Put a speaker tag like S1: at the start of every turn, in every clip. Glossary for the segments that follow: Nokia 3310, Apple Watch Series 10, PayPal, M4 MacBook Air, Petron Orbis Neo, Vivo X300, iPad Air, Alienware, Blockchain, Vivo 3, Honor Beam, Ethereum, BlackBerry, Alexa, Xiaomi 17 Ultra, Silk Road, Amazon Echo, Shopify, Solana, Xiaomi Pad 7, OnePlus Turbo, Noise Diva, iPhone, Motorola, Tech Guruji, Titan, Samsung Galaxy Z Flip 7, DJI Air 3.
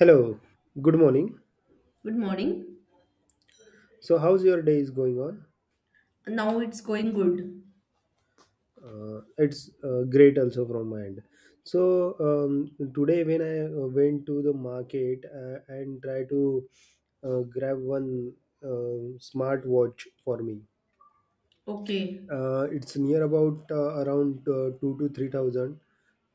S1: Hello, good morning.
S2: Good morning.
S1: So, how's your day is going on?
S2: Now it's going good.
S1: It's great also from my end. So, um, today when I went to the market and try to grab one smart watch for me.
S2: Okay.
S1: It's near about around 2 to 3 thousand,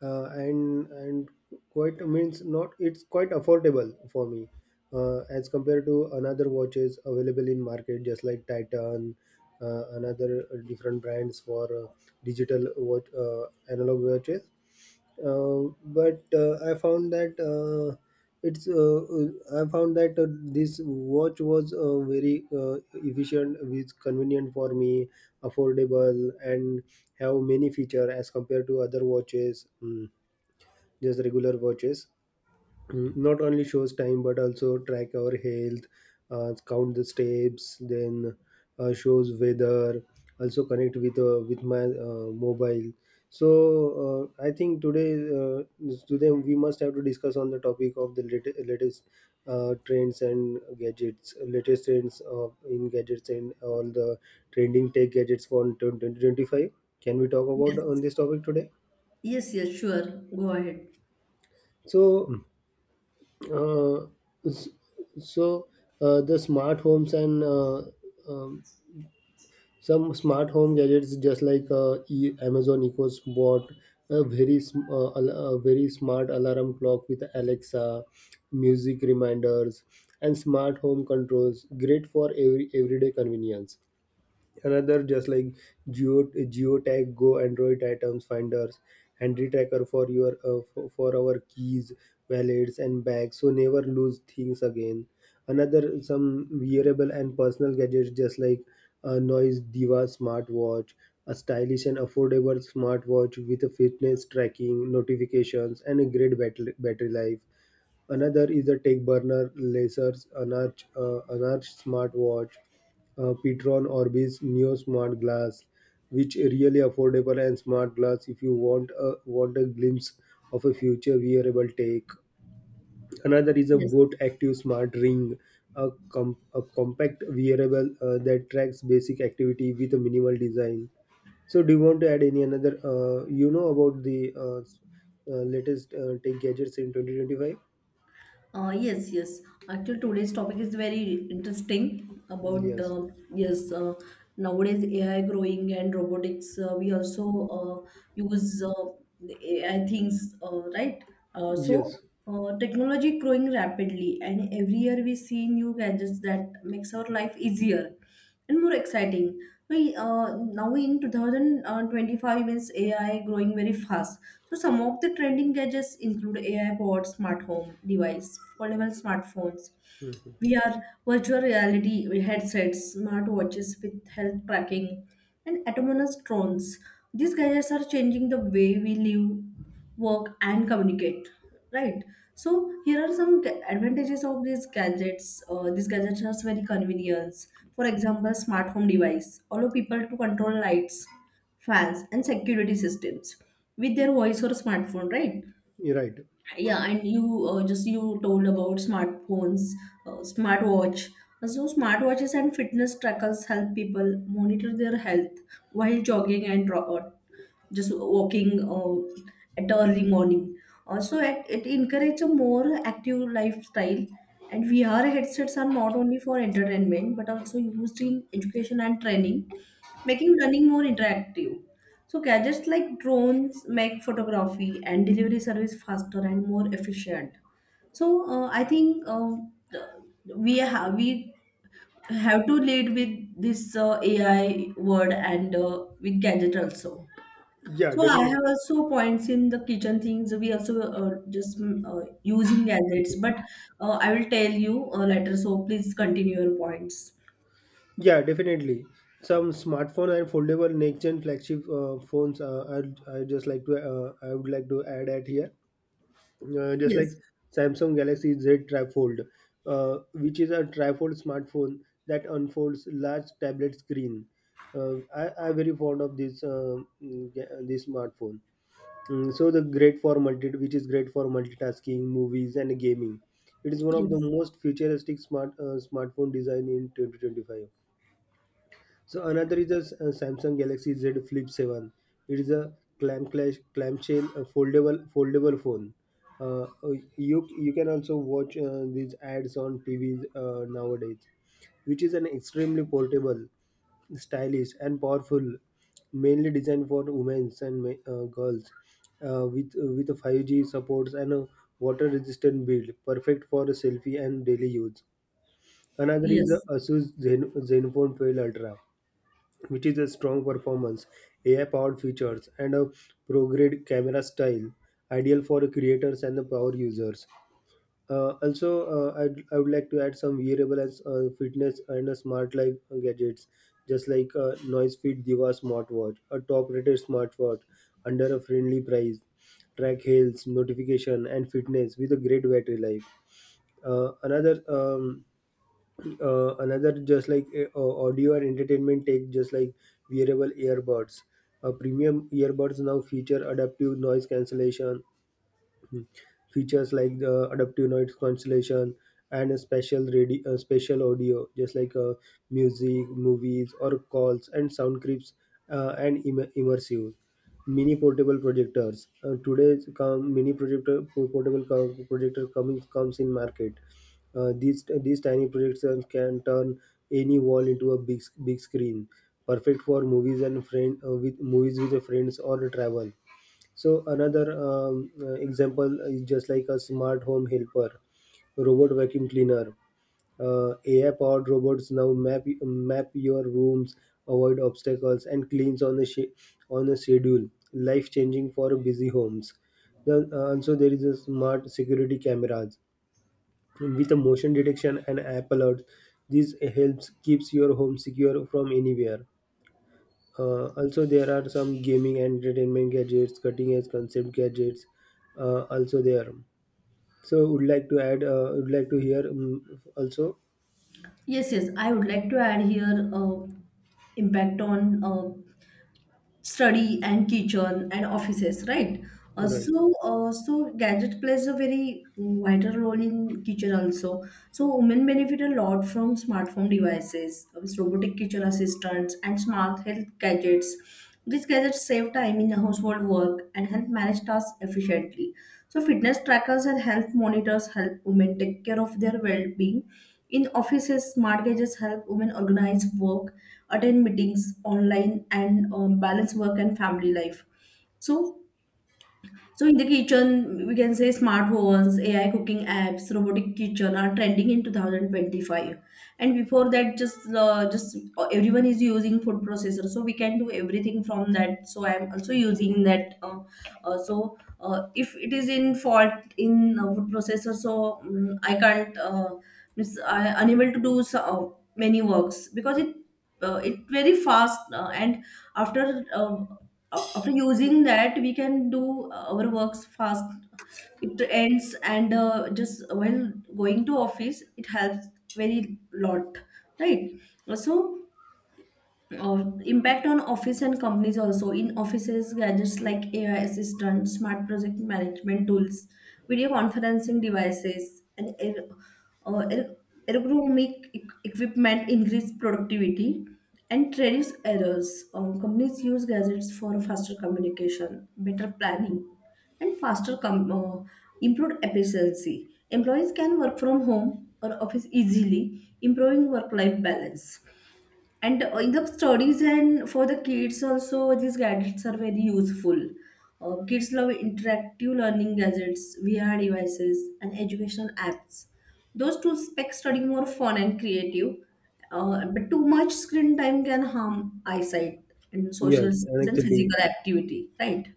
S1: and quite means not. It's quite affordable for me as compared to another watches available in market, just like Titan, another different brands for digital watch analog watches but I found that it's I found that this watch was very efficient, which convenient for me, affordable, and have many feature as compared to other watches, just regular watches. Not only shows time but also track our health, count the steps, then shows weather, also connect with my mobile. So I think today, uh, today we must have to discuss on the topic of the latest trends and gadgets, latest trends of in gadgets and all the trending tech gadgets for 2025. Can we talk about on
S2: Yes.
S1: this topic today?
S2: Yes, yes, sure. Go ahead.
S1: So Uh, s- so the smart homes and um, some smart home gadgets, just like Amazon Echo's bought a very smart alarm clock with Alexa, music reminders, and smart home controls. Great for everyday convenience. Another just like Geotag Go Android items finders, handy tracker for your, for our keys, wallets and bags, so never lose things again. Another some wearable and personal gadgets, just like a Noise Diva smartwatch, a stylish and affordable smartwatch with a fitness tracking, notifications, and a great battery life. Another is the Techburner, Laser's Anarch smartwatch, Petron Orbis Neo Smart Glass, which are really affordable and smart glass if you want a glimpse of a future wearable tech. Another is a
S2: Yes.
S1: Boat Active Smart Ring, a compact wearable that tracks basic activity with a minimal design. So, do you want to add any another? You know about the latest tech gadgets in 2025?
S2: Yes, yes. Actually, today's topic is very interesting about
S1: Yes,
S2: yes. Nowadays, AI growing and robotics. We also uh, use the AI things, right? Uh, so
S1: yes.
S2: Uh, technology growing rapidly, and every year we see new gadgets that makes our life easier and more exciting. We now in 2025 means AI growing very fast. So some of the trending gadgets include AI pods, smart home device, foldable smartphones,
S1: Mhm.
S2: VR, virtual reality headsets, smart watches with health tracking, and autonomous drones. These gadgets are changing the way we live, work, and communicate, right? So here are some advantages of these gadgets. These gadgets are very convenient. For example, smart home device allow people to control lights, fans, and security systems with their voice or smartphone, right?
S1: You're right.
S2: Yeah, and you just you told about smartphones, smartwatch. So smartwatches and fitness trackers help people monitor their health while jogging and just walking at early morning. Also, it encourages a more active lifestyle. And VR headsets are not only for entertainment but also used in education and training, making learning more interactive. So gadgets like drones make photography and delivery service faster and more efficient. So I think, we have to lead with this AI word and with gadget also.
S1: Yeah,
S2: So I
S1: definitely.
S2: have also points in the kitchen things. We also using gadgets, but I will tell you later. So please continue your points.
S1: Yeah, definitely. Some smartphone and foldable next-gen flagship phones. I would like to add at here, just like
S2: Yes,
S1: Samsung Galaxy Z Trifold, which is a trifold smartphone that unfolds large tablet screen. I very fond of this, this smartphone. Mm, so the great for multi, which is great for multitasking, movies, and gaming. It is one of the
S2: yes,
S1: most futuristic smartphone design in 2025. So another is a Samsung Galaxy Z Flip 7. It is a clamshell foldable phone. Uh, uh, you can also watch these ads on TVs nowadays, which is an extremely portable, stylish, and powerful, mainly designed for women and girls, with 5G supports and a water resistant build, perfect for selfie and daily use. Another is the
S2: yes.
S1: Asus Zenfone 12 Ultra, which is a strong performance, AI powered features, and a prograde camera style, ideal for creators and the power users. Also, I would like to add some wearable as fitness and a smart life gadgets, just like a Noise Fit Diva smartwatch, a top rated smartwatch under a friendly price, track health, notification, and fitness with a great battery life. Uh, another um, another just like audio and entertainment take, just like wearable earbuds. Premium earbuds now feature adaptive noise cancellation. Hmm. Features like the adaptive noise cancellation and a special radio, special audio, just like music, movies, or calls and sound clips, and immersive. Mini portable projectors. Today, come mini portable projector comes in market. These tiny projectors can turn any wall into a big screen, perfect for movies and friend with movies with the friends or travel. So another example is just like a smart home helper, robot vacuum cleaner. AI-powered robots now map your rooms, avoid obstacles, and cleans on a on a schedule. Life-changing for busy homes. Then also there is a smart security cameras with a motion detection and app alert. This helps keeps your home secure from anywhere. Also, there are some gaming and entertainment gadgets, cutting edge concept gadgets. Also there. So would like to add. Would like to hear also.
S2: Yes, yes. I would like to add here. Impact on study and kitchen and offices, right? Uh,
S1: Right.
S2: so, uh, so gadget plays a very vital role in kitchen also. So, women benefit a lot from smartphone devices, robotic kitchen assistants, and smart health gadgets. These gadgets save time in household work and help manage tasks efficiently. So, fitness trackers and health monitors help women take care of their well-being. In offices, smart gadgets help women organize work, attend meetings online, and balance work and family life. So so, in the kitchen, we can say smart ovens, AI cooking apps, robotic kitchen are trending in 2025. And before that, just everyone is using food processor, so we can do everything from that. So I'm also using that. If it is in fault in food processor, so I can't. Means I unable to do so, many works because it very fast and after uh, after using that we can do our works fast. It ends, and just while going to office, it helps very lot, right? So impact on office and companies also. In offices, gadgets like AI assistant, smart project management tools, video conferencing devices, and uh, er- ergonomic equipment increase productivity and reduce errors. Companies use gadgets for faster communication, better planning, and improved efficiency. Employees can work from home or office easily, improving work life balance. And in the studies and for the kids also, these gadgets are very useful. Kids love interactive learning gadgets, VR devices, and educational apps. Those tools make studying more fun and creative. But too much screen time can harm eyesight and social
S1: Yes,
S2: skills and
S1: city.
S2: physical activity, right?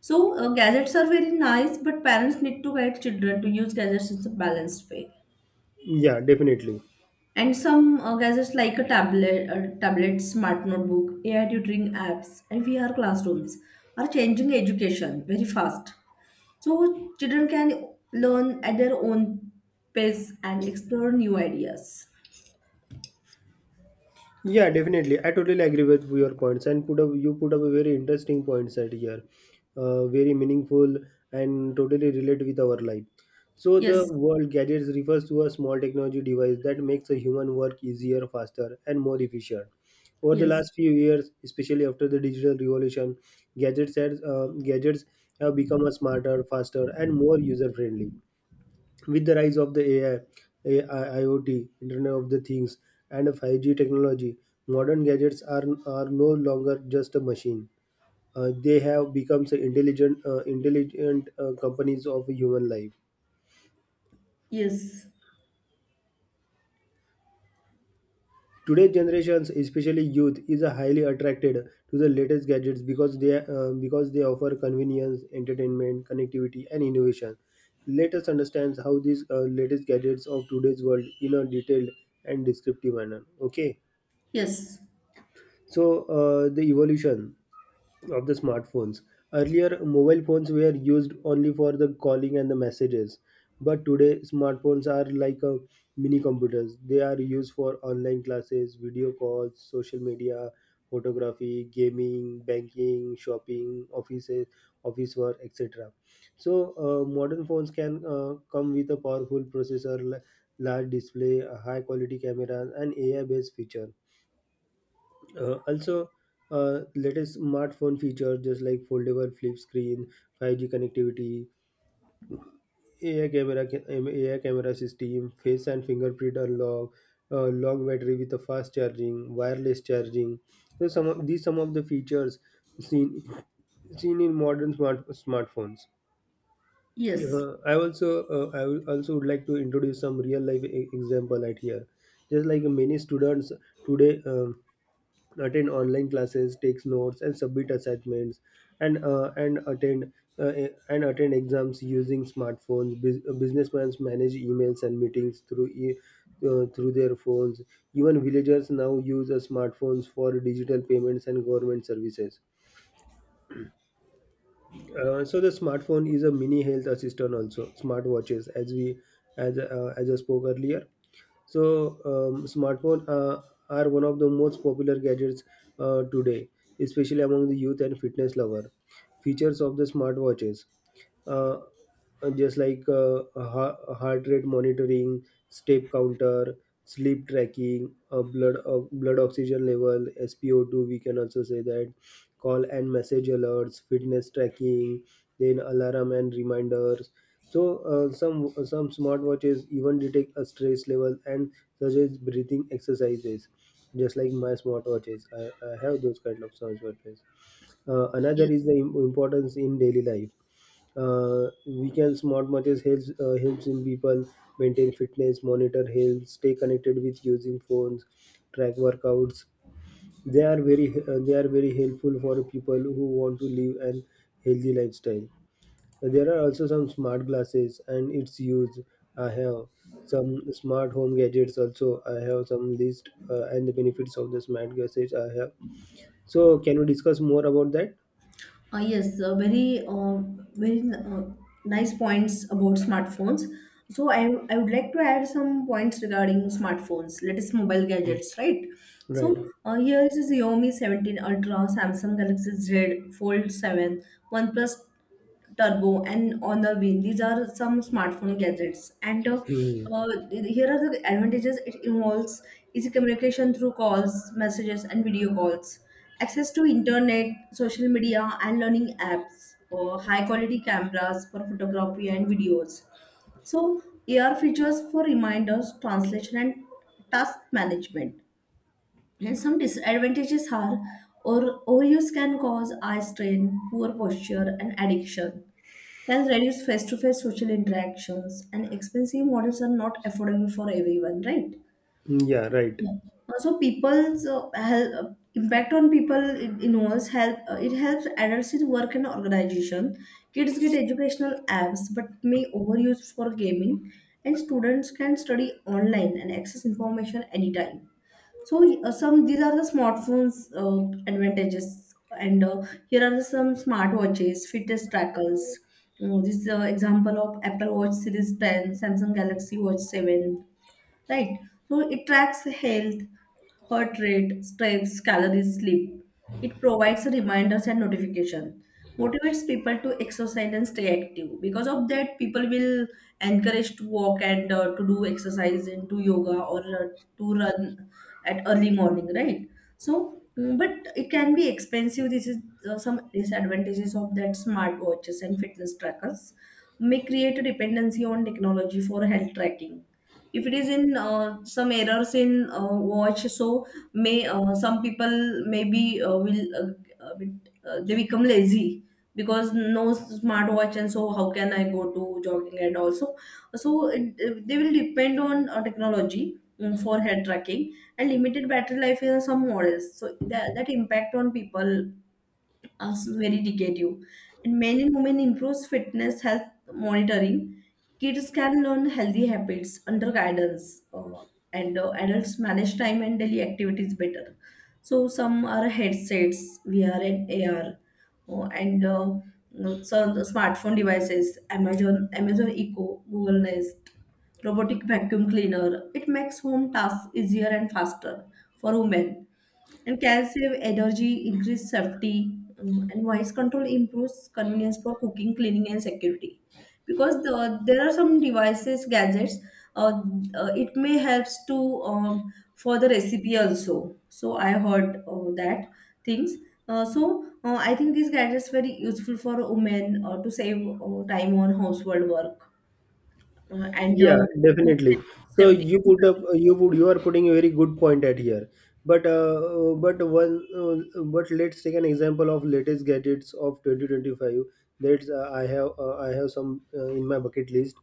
S2: So gadgets are very nice, but parents need to guide children to use gadgets in a balanced way.
S1: Yeah, definitely.
S2: And some gadgets like a tablet, smart notebook, AI tutoring apps, and VR classrooms are changing education very fast. So children can learn at their own pace and explore new ideas.
S1: Yeah, definitely. I totally agree with your points, and put up you put up a very interesting points at here, very meaningful and totally relate with our life. So the
S2: Yes,
S1: world gadgets refers to a small technology device that makes a human work easier, faster, and more efficient. Over the
S2: yes,
S1: last few years, especially after the digital revolution, gadgets have become a smarter, faster, and more user friendly. With the rise of the AI, IoT, Internet of the Things, and 5G technology, modern gadgets are no longer just a machine. They have become the intelligent companies of human life.
S2: yes,
S1: Today's generations, especially youth, is highly attracted to the latest gadgets because they offer convenience, entertainment, connectivity, and innovation. Let us understand how these latest gadgets of today's world in a detailed and descriptive manner. Okay.
S2: yes,
S1: So, the evolution of the smartphones. Earlier, mobile phones were used only for the calling and the messages. But today, smartphones are like a mini computers. They are used for online classes, video calls, social media, photography, gaming, banking, shopping, offices, office work, etc. So, modern phones can come with a powerful processor, large display, high quality cameras, and AI based feature. Also, latest smartphone features just like foldable flip screen, 5G connectivity, AI camera system, face and fingerprint unlock, long battery with a fast charging, wireless charging. So some of the features seen seen in modern smartphones.
S2: yes,
S1: I also would like to introduce some real life example right here. Just like many students today. Attend online classes, takes notes, and submit assignments, and uh, and attend and attend exams using smartphones. Businessmen manage emails and meetings through their phones. Even villagers now use smartphones for digital payments and government services. So the smartphone is a mini health assistant also. Smartwatches, as we as I spoke earlier, so, smartphone are one of the most popular gadgets today, especially among the youth and fitness lover. Features of the smartwatches, uh, just like heart rate monitoring, step counter, sleep tracking, blood oxygen level, SpO2. We can also say that call and message alerts, fitness tracking, then alarm and reminders. So some smartwatches even detect a stress level and suggest breathing exercises, just like my smartwatches. I have those kind of smartwatches. Another is
S2: yes.
S1: the importance in daily life. We can Smartwatches helps in people maintain fitness, monitor health, stay connected with using phones, track workouts, they are very helpful for people who want to live an healthy lifestyle. There are also some smart glasses and its use. I have some smart home gadgets also. I have some list and the benefits of the smart glasses I have. So can we discuss more about that?
S2: Yes. Very very uh, nice points about smartphones. So I would like to add some points regarding smartphones, latest mobile
S1: Mm.
S2: gadgets, right? So
S1: Right.
S2: here is Xiaomi 17 Ultra, Samsung Galaxy Z Fold 7, OnePlus Turbo, and Honor Beam. These are some smartphone gadgets. And
S1: Hmm.
S2: here are the advantages. It involves easy communication through calls, messages, and video calls; access to internet, social media, and learning apps; high quality cameras for photography and videos. So, AR features for reminders, translation, and task management. And some disadvantages are: or overuse can cause eye strain, poor posture, and addiction; can reduce face to face social interactions; and expensive models are not affordable for everyone, right?
S1: Yeah, right.
S2: Yeah. Also, people's help, impact on people, it involves help. It helps adults in work and organization. Kids get educational apps, but may overuse for gaming. And students can study online and access information anytime. So, some these are the smartphones advantages, and here are the some smartwatches, fitness trackers. You know, this is an example of Apple Watch Series 10, Samsung Galaxy Watch 7, right? So it tracks health, heart rate, stress, calories, sleep. It provides reminders and notification, motivates people to exercise and stay active. Because of that, people will encourage to walk and to do exercise and do yoga or to run at early morning, right? So, but it can be expensive. This is some disadvantages of that. Smartwatches and fitness trackers may create a dependency on technology for health tracking. If it is in some errors in watch, so may some people maybe will a bit, they become lazy. Because no smartwatch, and so how can I go to jogging and also. So they will depend on technology for head tracking and limited battery life in some models. So that impact on people also very negative. And men and women improves fitness health monitoring. Kids can learn healthy habits under guidance, and adults manage time and daily activities better. So some are headsets, VR and AR. And So smartphone devices: Amazon, Amazon Echo, Google Nest, robotic vacuum cleaner. It makes home tasks easier and faster for women and can save energy, increase safety, and voice control improves convenience for cooking, cleaning, and security. Because there are some devices, gadgets. uh, it may helps to for the recipe also. So I heard that things. I think these gadgets very useful for women to save time on household work and
S1: Yeah,
S2: home
S1: definitely. So
S2: safety.
S1: you put up, you put, you are putting a very good point at here. But uh, but let's take an example of latest gadgets of 2025. That's I have some in my bucket list.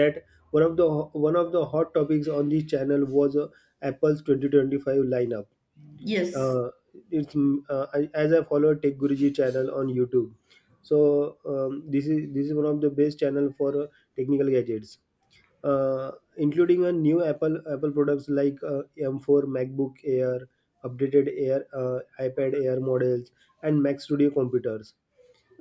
S1: That one of the hot topics on this channel was Apple's 2025 lineup.
S2: Yes,
S1: uh, I, as I follow Tech Guruji channel on YouTube. So this is one of the best channel for technical gadgets, including a new Apple products like M4 MacBook Air, updated Air iPad Air models, and Mac Studio computers.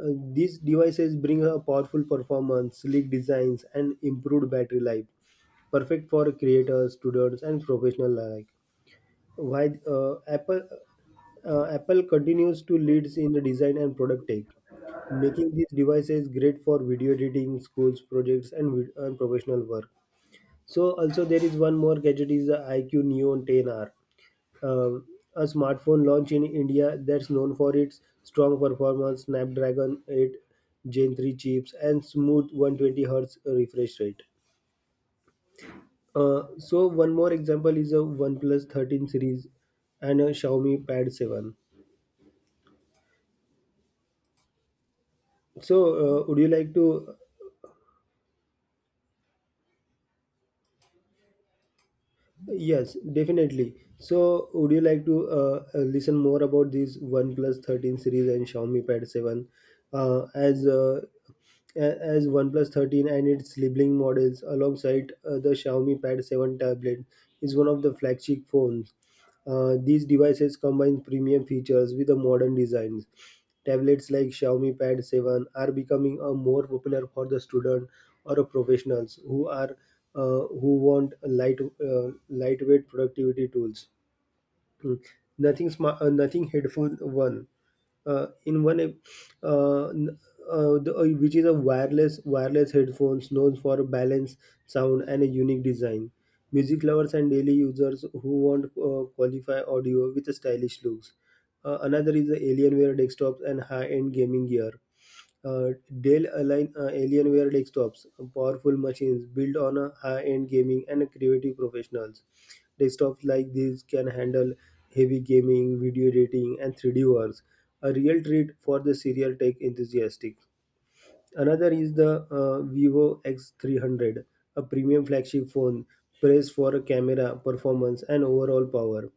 S1: These devices bring a powerful performance, sleek designs, and improved battery life, perfect for creators, students, and professionals alike. While Apple continues to leads in the design and product tech, making these devices great for video editing, schools projects, and professional work. So also there is one more gadget is the IQ Neon 10R, um, a smartphone launched in India that's known for its strong performance, Snapdragon 8 Gen 3 chips, and smooth 120 Hz refresh rate. So one more example is a OnePlus 13 series and a Xiaomi Pad 7. So, would you like to? Yes, definitely. So, would you like to listen more about this OnePlus 13 series and Xiaomi Pad 7? Uh, as uh, as OnePlus 13 and its sibling models alongside the Xiaomi Pad 7 tablet is one of the flagship phones. These devices combine premium features with the modern designs. Tablets like Xiaomi Pad 7 are becoming a more popular for the student or a professionals who are who want light lightweight productivity tools. Mm. Nothing smart, nothing headful one. In one, ep- n- the, which is a wireless headphones known for balance, sound, and a unique design. Music lovers and daily users who want qualify audio with a stylish looks. Another is the Alienware desktops and high-end gaming gear. Uh, Dell Align Alienware desktops, powerful machines built on a high-end gaming and creative professionals. Desktops like these can handle heavy gaming, video editing, and 3D works. A real treat for the serial tech enthusiastic. Another is the Vivo X300, a premium flagship phone praised for camera, performance, and overall power.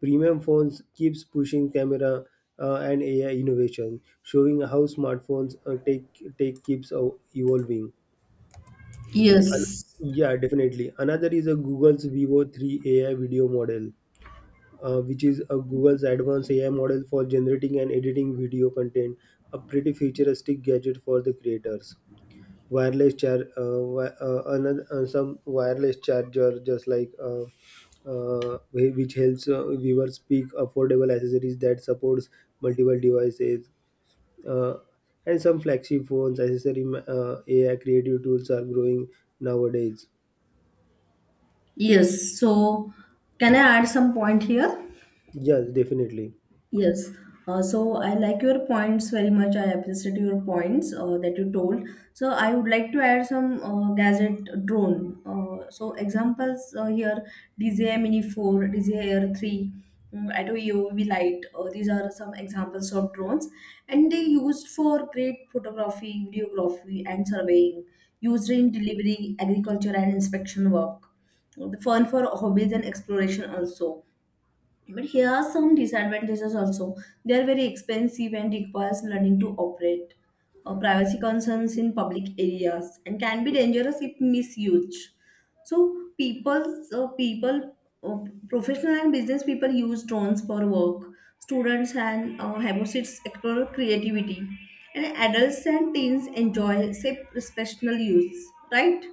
S1: Premium phones keeps pushing camera and AI innovation, showing how smartphones take take keeps ev- evolving. And
S2: yes,
S1: yeah, definitely. Another is a Google's Vivo 3 AI video model, which is a Google's advanced AI model for generating and editing video content, a pretty futuristic gadget for the creators. Another some wireless charger just like which helps viewers pick affordable accessories that supports multiple devices, uh, and some flagship phones accessory AI creative tools are growing nowadays.
S2: yes. So can I add some point here?
S1: Yes, definitely.
S2: Yes. So I like your points very much. I appreciate your points that you told. So I would like to add some gadget drone. So examples here: DJI Mini 4, DJI Air 3, Atto UV Light. These are some examples of drones, and they used for great photography, videography, and surveying. Used in delivery, agriculture, and inspection work. The fun for hobbies and exploration also. But here are some disadvantages also. They are very expensive and requires learning to operate. Privacy concerns in public areas and can be dangerous if misused. So uh, professional and business people use drones for work. Students and habits explore creativity, and adults and teens enjoy safe professional use. Right.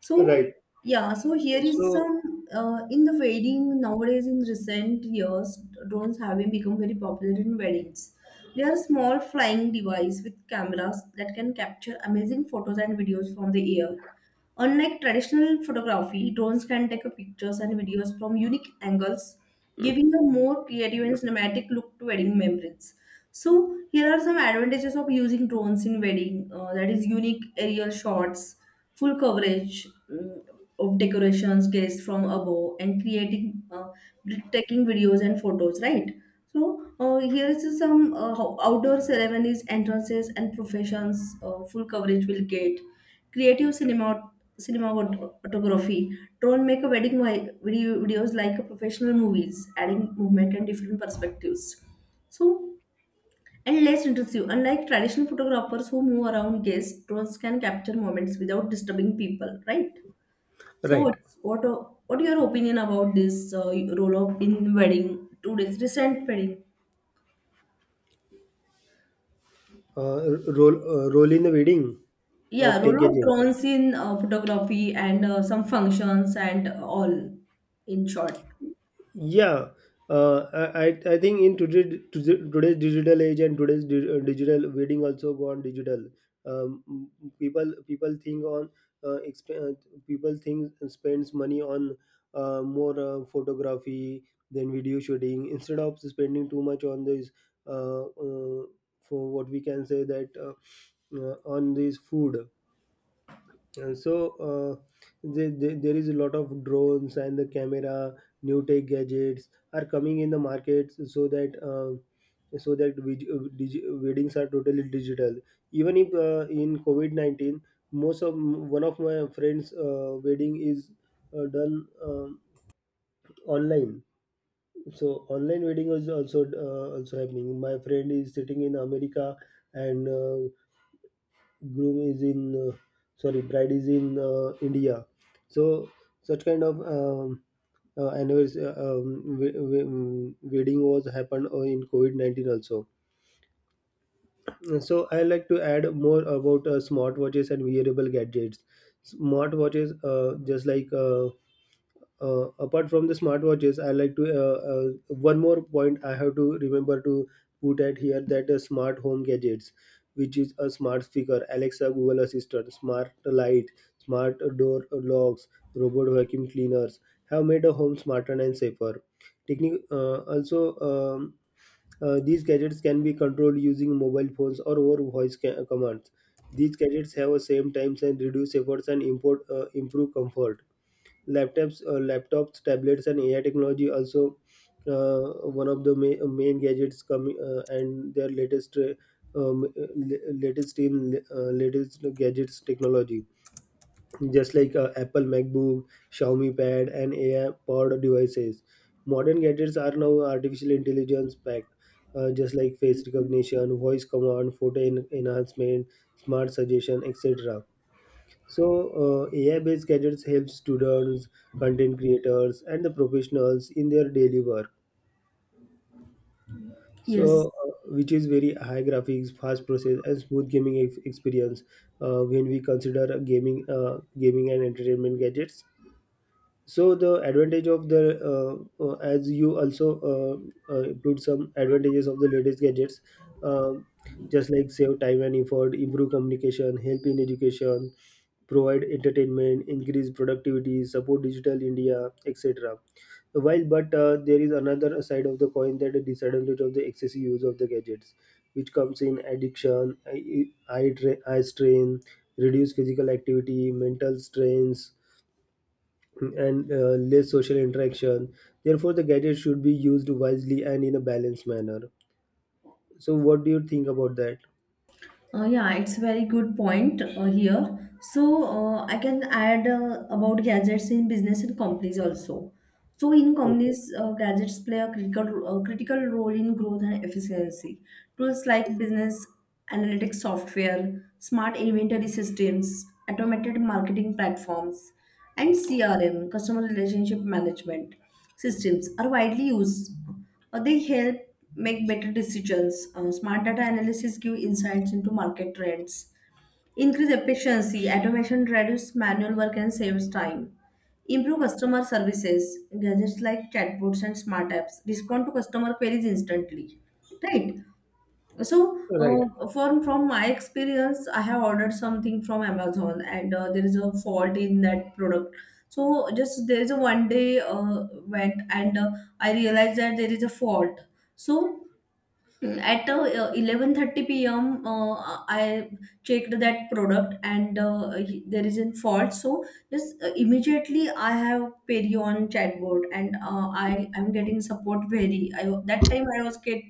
S2: So
S1: Right,
S2: yeah, so here is
S1: so
S2: some in the wedding nowadays. In recent years, drones have been become very popular in weddings. They are small flying device with cameras that can capture amazing photos and videos from the air. Unlike traditional photography, drones can take pictures and videos from unique angles, giving a more creative and cinematic look to wedding memories. So, here are some advantages of using drones in wedding, that is, unique aerial shots, full coverage of decorations, guests from above, and creating breathtaking videos and photos, right? So, here is some outdoor ceremonies, entrances, and professions. Full coverage will get creative cinema, cinematography. Drone make a wedding videos like a professional movies, adding movement and different perspectives. So, and less intrusive. Unlike traditional photographers who move around guests, drones can capture moments without disturbing people. Right. So
S1: right.
S2: what are your opinion about this role of in wedding today's recent wedding?
S1: uh, Role in the wedding
S2: Yeah,
S1: of tech
S2: role of
S1: gadgets.
S2: drones in photography and some functions and all, in short.
S1: Yeah, I think in today's digital age and today's digital wedding also gone digital. People think on uh, exp- uh, people think spends money on more photography than video shooting instead of spending too much on this uh, uh, for what we can say that on this food. Uh, so uh, there is a lot of drones and the camera new tech gadgets are coming in the markets, so that so that weddings are totally digital even if in COVID-19, most of one of my friends wedding is done online. So online wedding is also also happening. My friend is sitting in America and groom is in sorry, bride is in India. So such kind of anniversary wedding was happened in COVID-19 also. So I like to add more about smartwatches and wearable gadgets. Smartwatches just like apart from the smartwatches, I like to one more point I have to remember to put at here that smart home gadgets which is a smart speaker, Alexa, Google Assistant, smart light, smart door locks, robot vacuum cleaners, have made a home smarter and safer. Also, these gadgets can be controlled using mobile phones or over voice commands. These gadgets have a same times and reduce efforts and improve comfort. Laptops, tablets, and AI technology also one of the main gadgets coming and their latest. La- latest in Latest gadgets technology just like Apple MacBook, Xiaomi Pad and AI powered devices. Modern gadgets are now artificial intelligence packed, just like face recognition, voice command, photo enhancement, smart suggestion, etc. So, AI-based gadgets help students, content creators, and the professionals in their daily work.
S2: Yes.
S1: So, which is very high graphics, fast process, and smooth gaming experience. When we consider gaming and entertainment gadgets, so the advantage of the as you also include some advantages of the latest gadgets, um, just like save time and effort, improve communication, help in education, provide entertainment, increase productivity, support Digital India, etc. While, but there is another side of the coin that the disadvantage of the excessive use of the gadgets, which comes in addiction, eye strain, reduced physical activity, mental strains, and less social interaction. Therefore, the gadget should be used wisely and in a balanced manner. So, what do you think about that?
S2: Yeah, it's very good point here. So I can add about gadgets in business and companies also. So in
S1: Okay,
S2: companies, gadgets play a critical role in growth and efficiency. Tools like business analytics software, smart inventory systems, automated marketing platforms, and CRM (customer relationship management) systems are widely used. They help make better decisions. Smart data analysis give insights into market trends, increase efficiency. Automation reduces manual work and saves time. Improve customer services. Gadgets like chatbots and smart apps respond to customer queries instantly. Right? So,
S1: right.
S2: from my experience, I have ordered something from Amazon, and there is a fault in that product. So, just there is a one day went, and I realized that there is a fault. So, at 11:30 p.m., I checked that product, and there is a fault. So just immediately I have Peri on chatbot, and I am getting support very. I that time I was get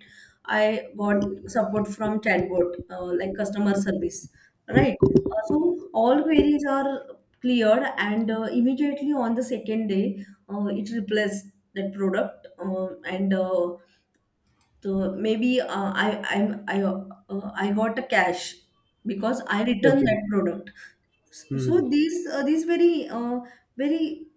S2: I got support from chatbot like customer service, right? So all queries are cleared, and immediately on the second day, it replaced that product. And. So maybe I I'm I got a cash because I returned
S1: Okay.
S2: that product.
S1: Hmm.
S2: So these very very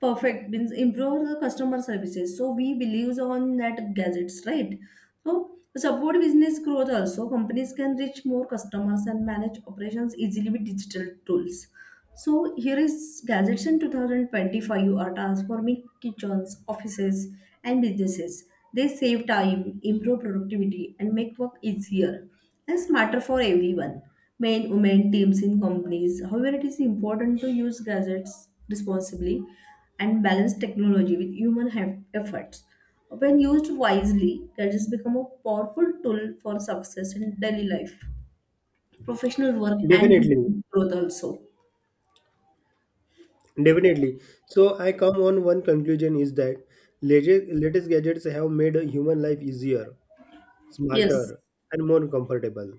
S2: perfect means improve the customer services. So we believes on that gadgets, right? So support business growth also. Companies can reach more customers and manage operations easily with digital tools. So here is gadgets in 2025 are transforming kitchens, offices, and businesses. They save time, improve productivity, and make work easier and smarter for everyone: men, women, teams, in companies. However, it is important to use gadgets responsibly and balance technology with human efforts. When used wisely, gadgets become a powerful tool for success in daily life, professional work, and
S1: Definitely,
S2: business growth also.
S1: definitely. So, I come on one conclusion is that latest gadgets have made human life easier,
S2: Yes.
S1: smarter, and more comfortable.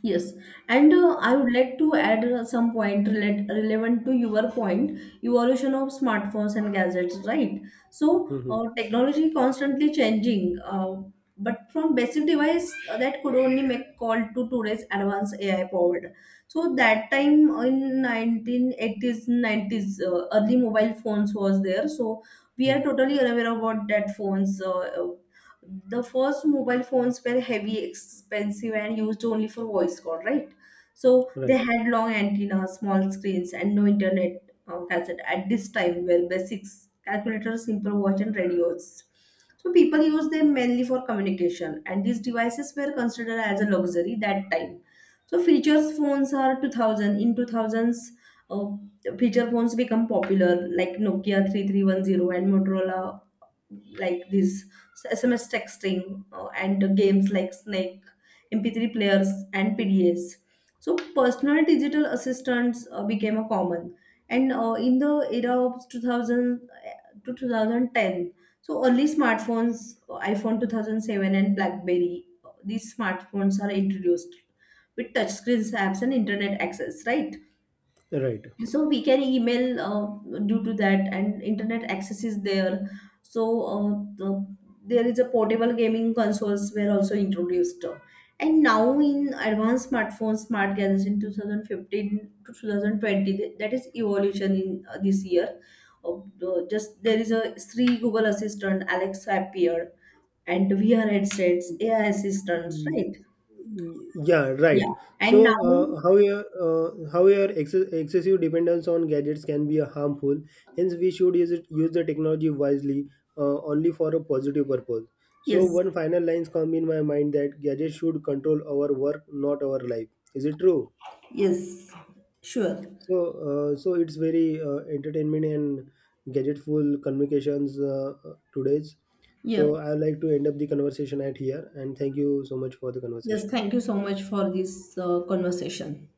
S2: Yes, and I would like to add some point relevant to your point, evolution of smartphones and gadgets, right? So,
S1: Mhm.
S2: technology constantly changing, but from basic device that could only make call to today's advanced AI powered. So that time in 1980s, 90s, early mobile phones was there. So we are
S1: Mhm.
S2: totally unaware about that phones. The first mobile phones were heavy, expensive, and used only for voice call, right? So they
S1: Right,
S2: had long antennas, small screens, and no internet. Cassette at this time were basics, calculators, simple watch, and radios. So people used them mainly for communication, and these devices were considered as a luxury that time. So features phones are 2000 in 2000s. Uh, Feature phones become popular like Nokia 3310 and Motorola. Like this, SMS texting and games like Snake, MP3 players, and PDAs. So personal digital assistants became a common. And in the era of 2000 to 2010, so early smartphones, iPhone 2007 and BlackBerry, these smartphones are introduced with touchscreens, apps, and internet access, right?
S1: right.
S2: So we can email due to that, and internet access is there. So, the, there is a portable gaming consoles were also introduced. And now in advanced smartphones, smart gadgets in 2015 to 2020. That is evolution in this year. Uh, just there is a three Google assistant, Alexa appeared, and VR headsets, AI assistants, right?
S1: Yeah, right.
S2: Yeah,
S1: So,
S2: and now.
S1: how your ex excessive dependence on gadgets can be harmful. Hence, we should use it, use the technology wisely, only for a positive purpose. So,
S2: Yes,
S1: one final lines come in my mind that gadgets should control our work, not our life. Is it true?
S2: yes, sure,
S1: So, so it's very entertainment and gadgetful communications today's.
S2: yeah.
S1: So, I would like to end up the conversation at here, and thank you so much for the
S2: Yes,
S1: conversation.
S2: thank you so much for this conversation.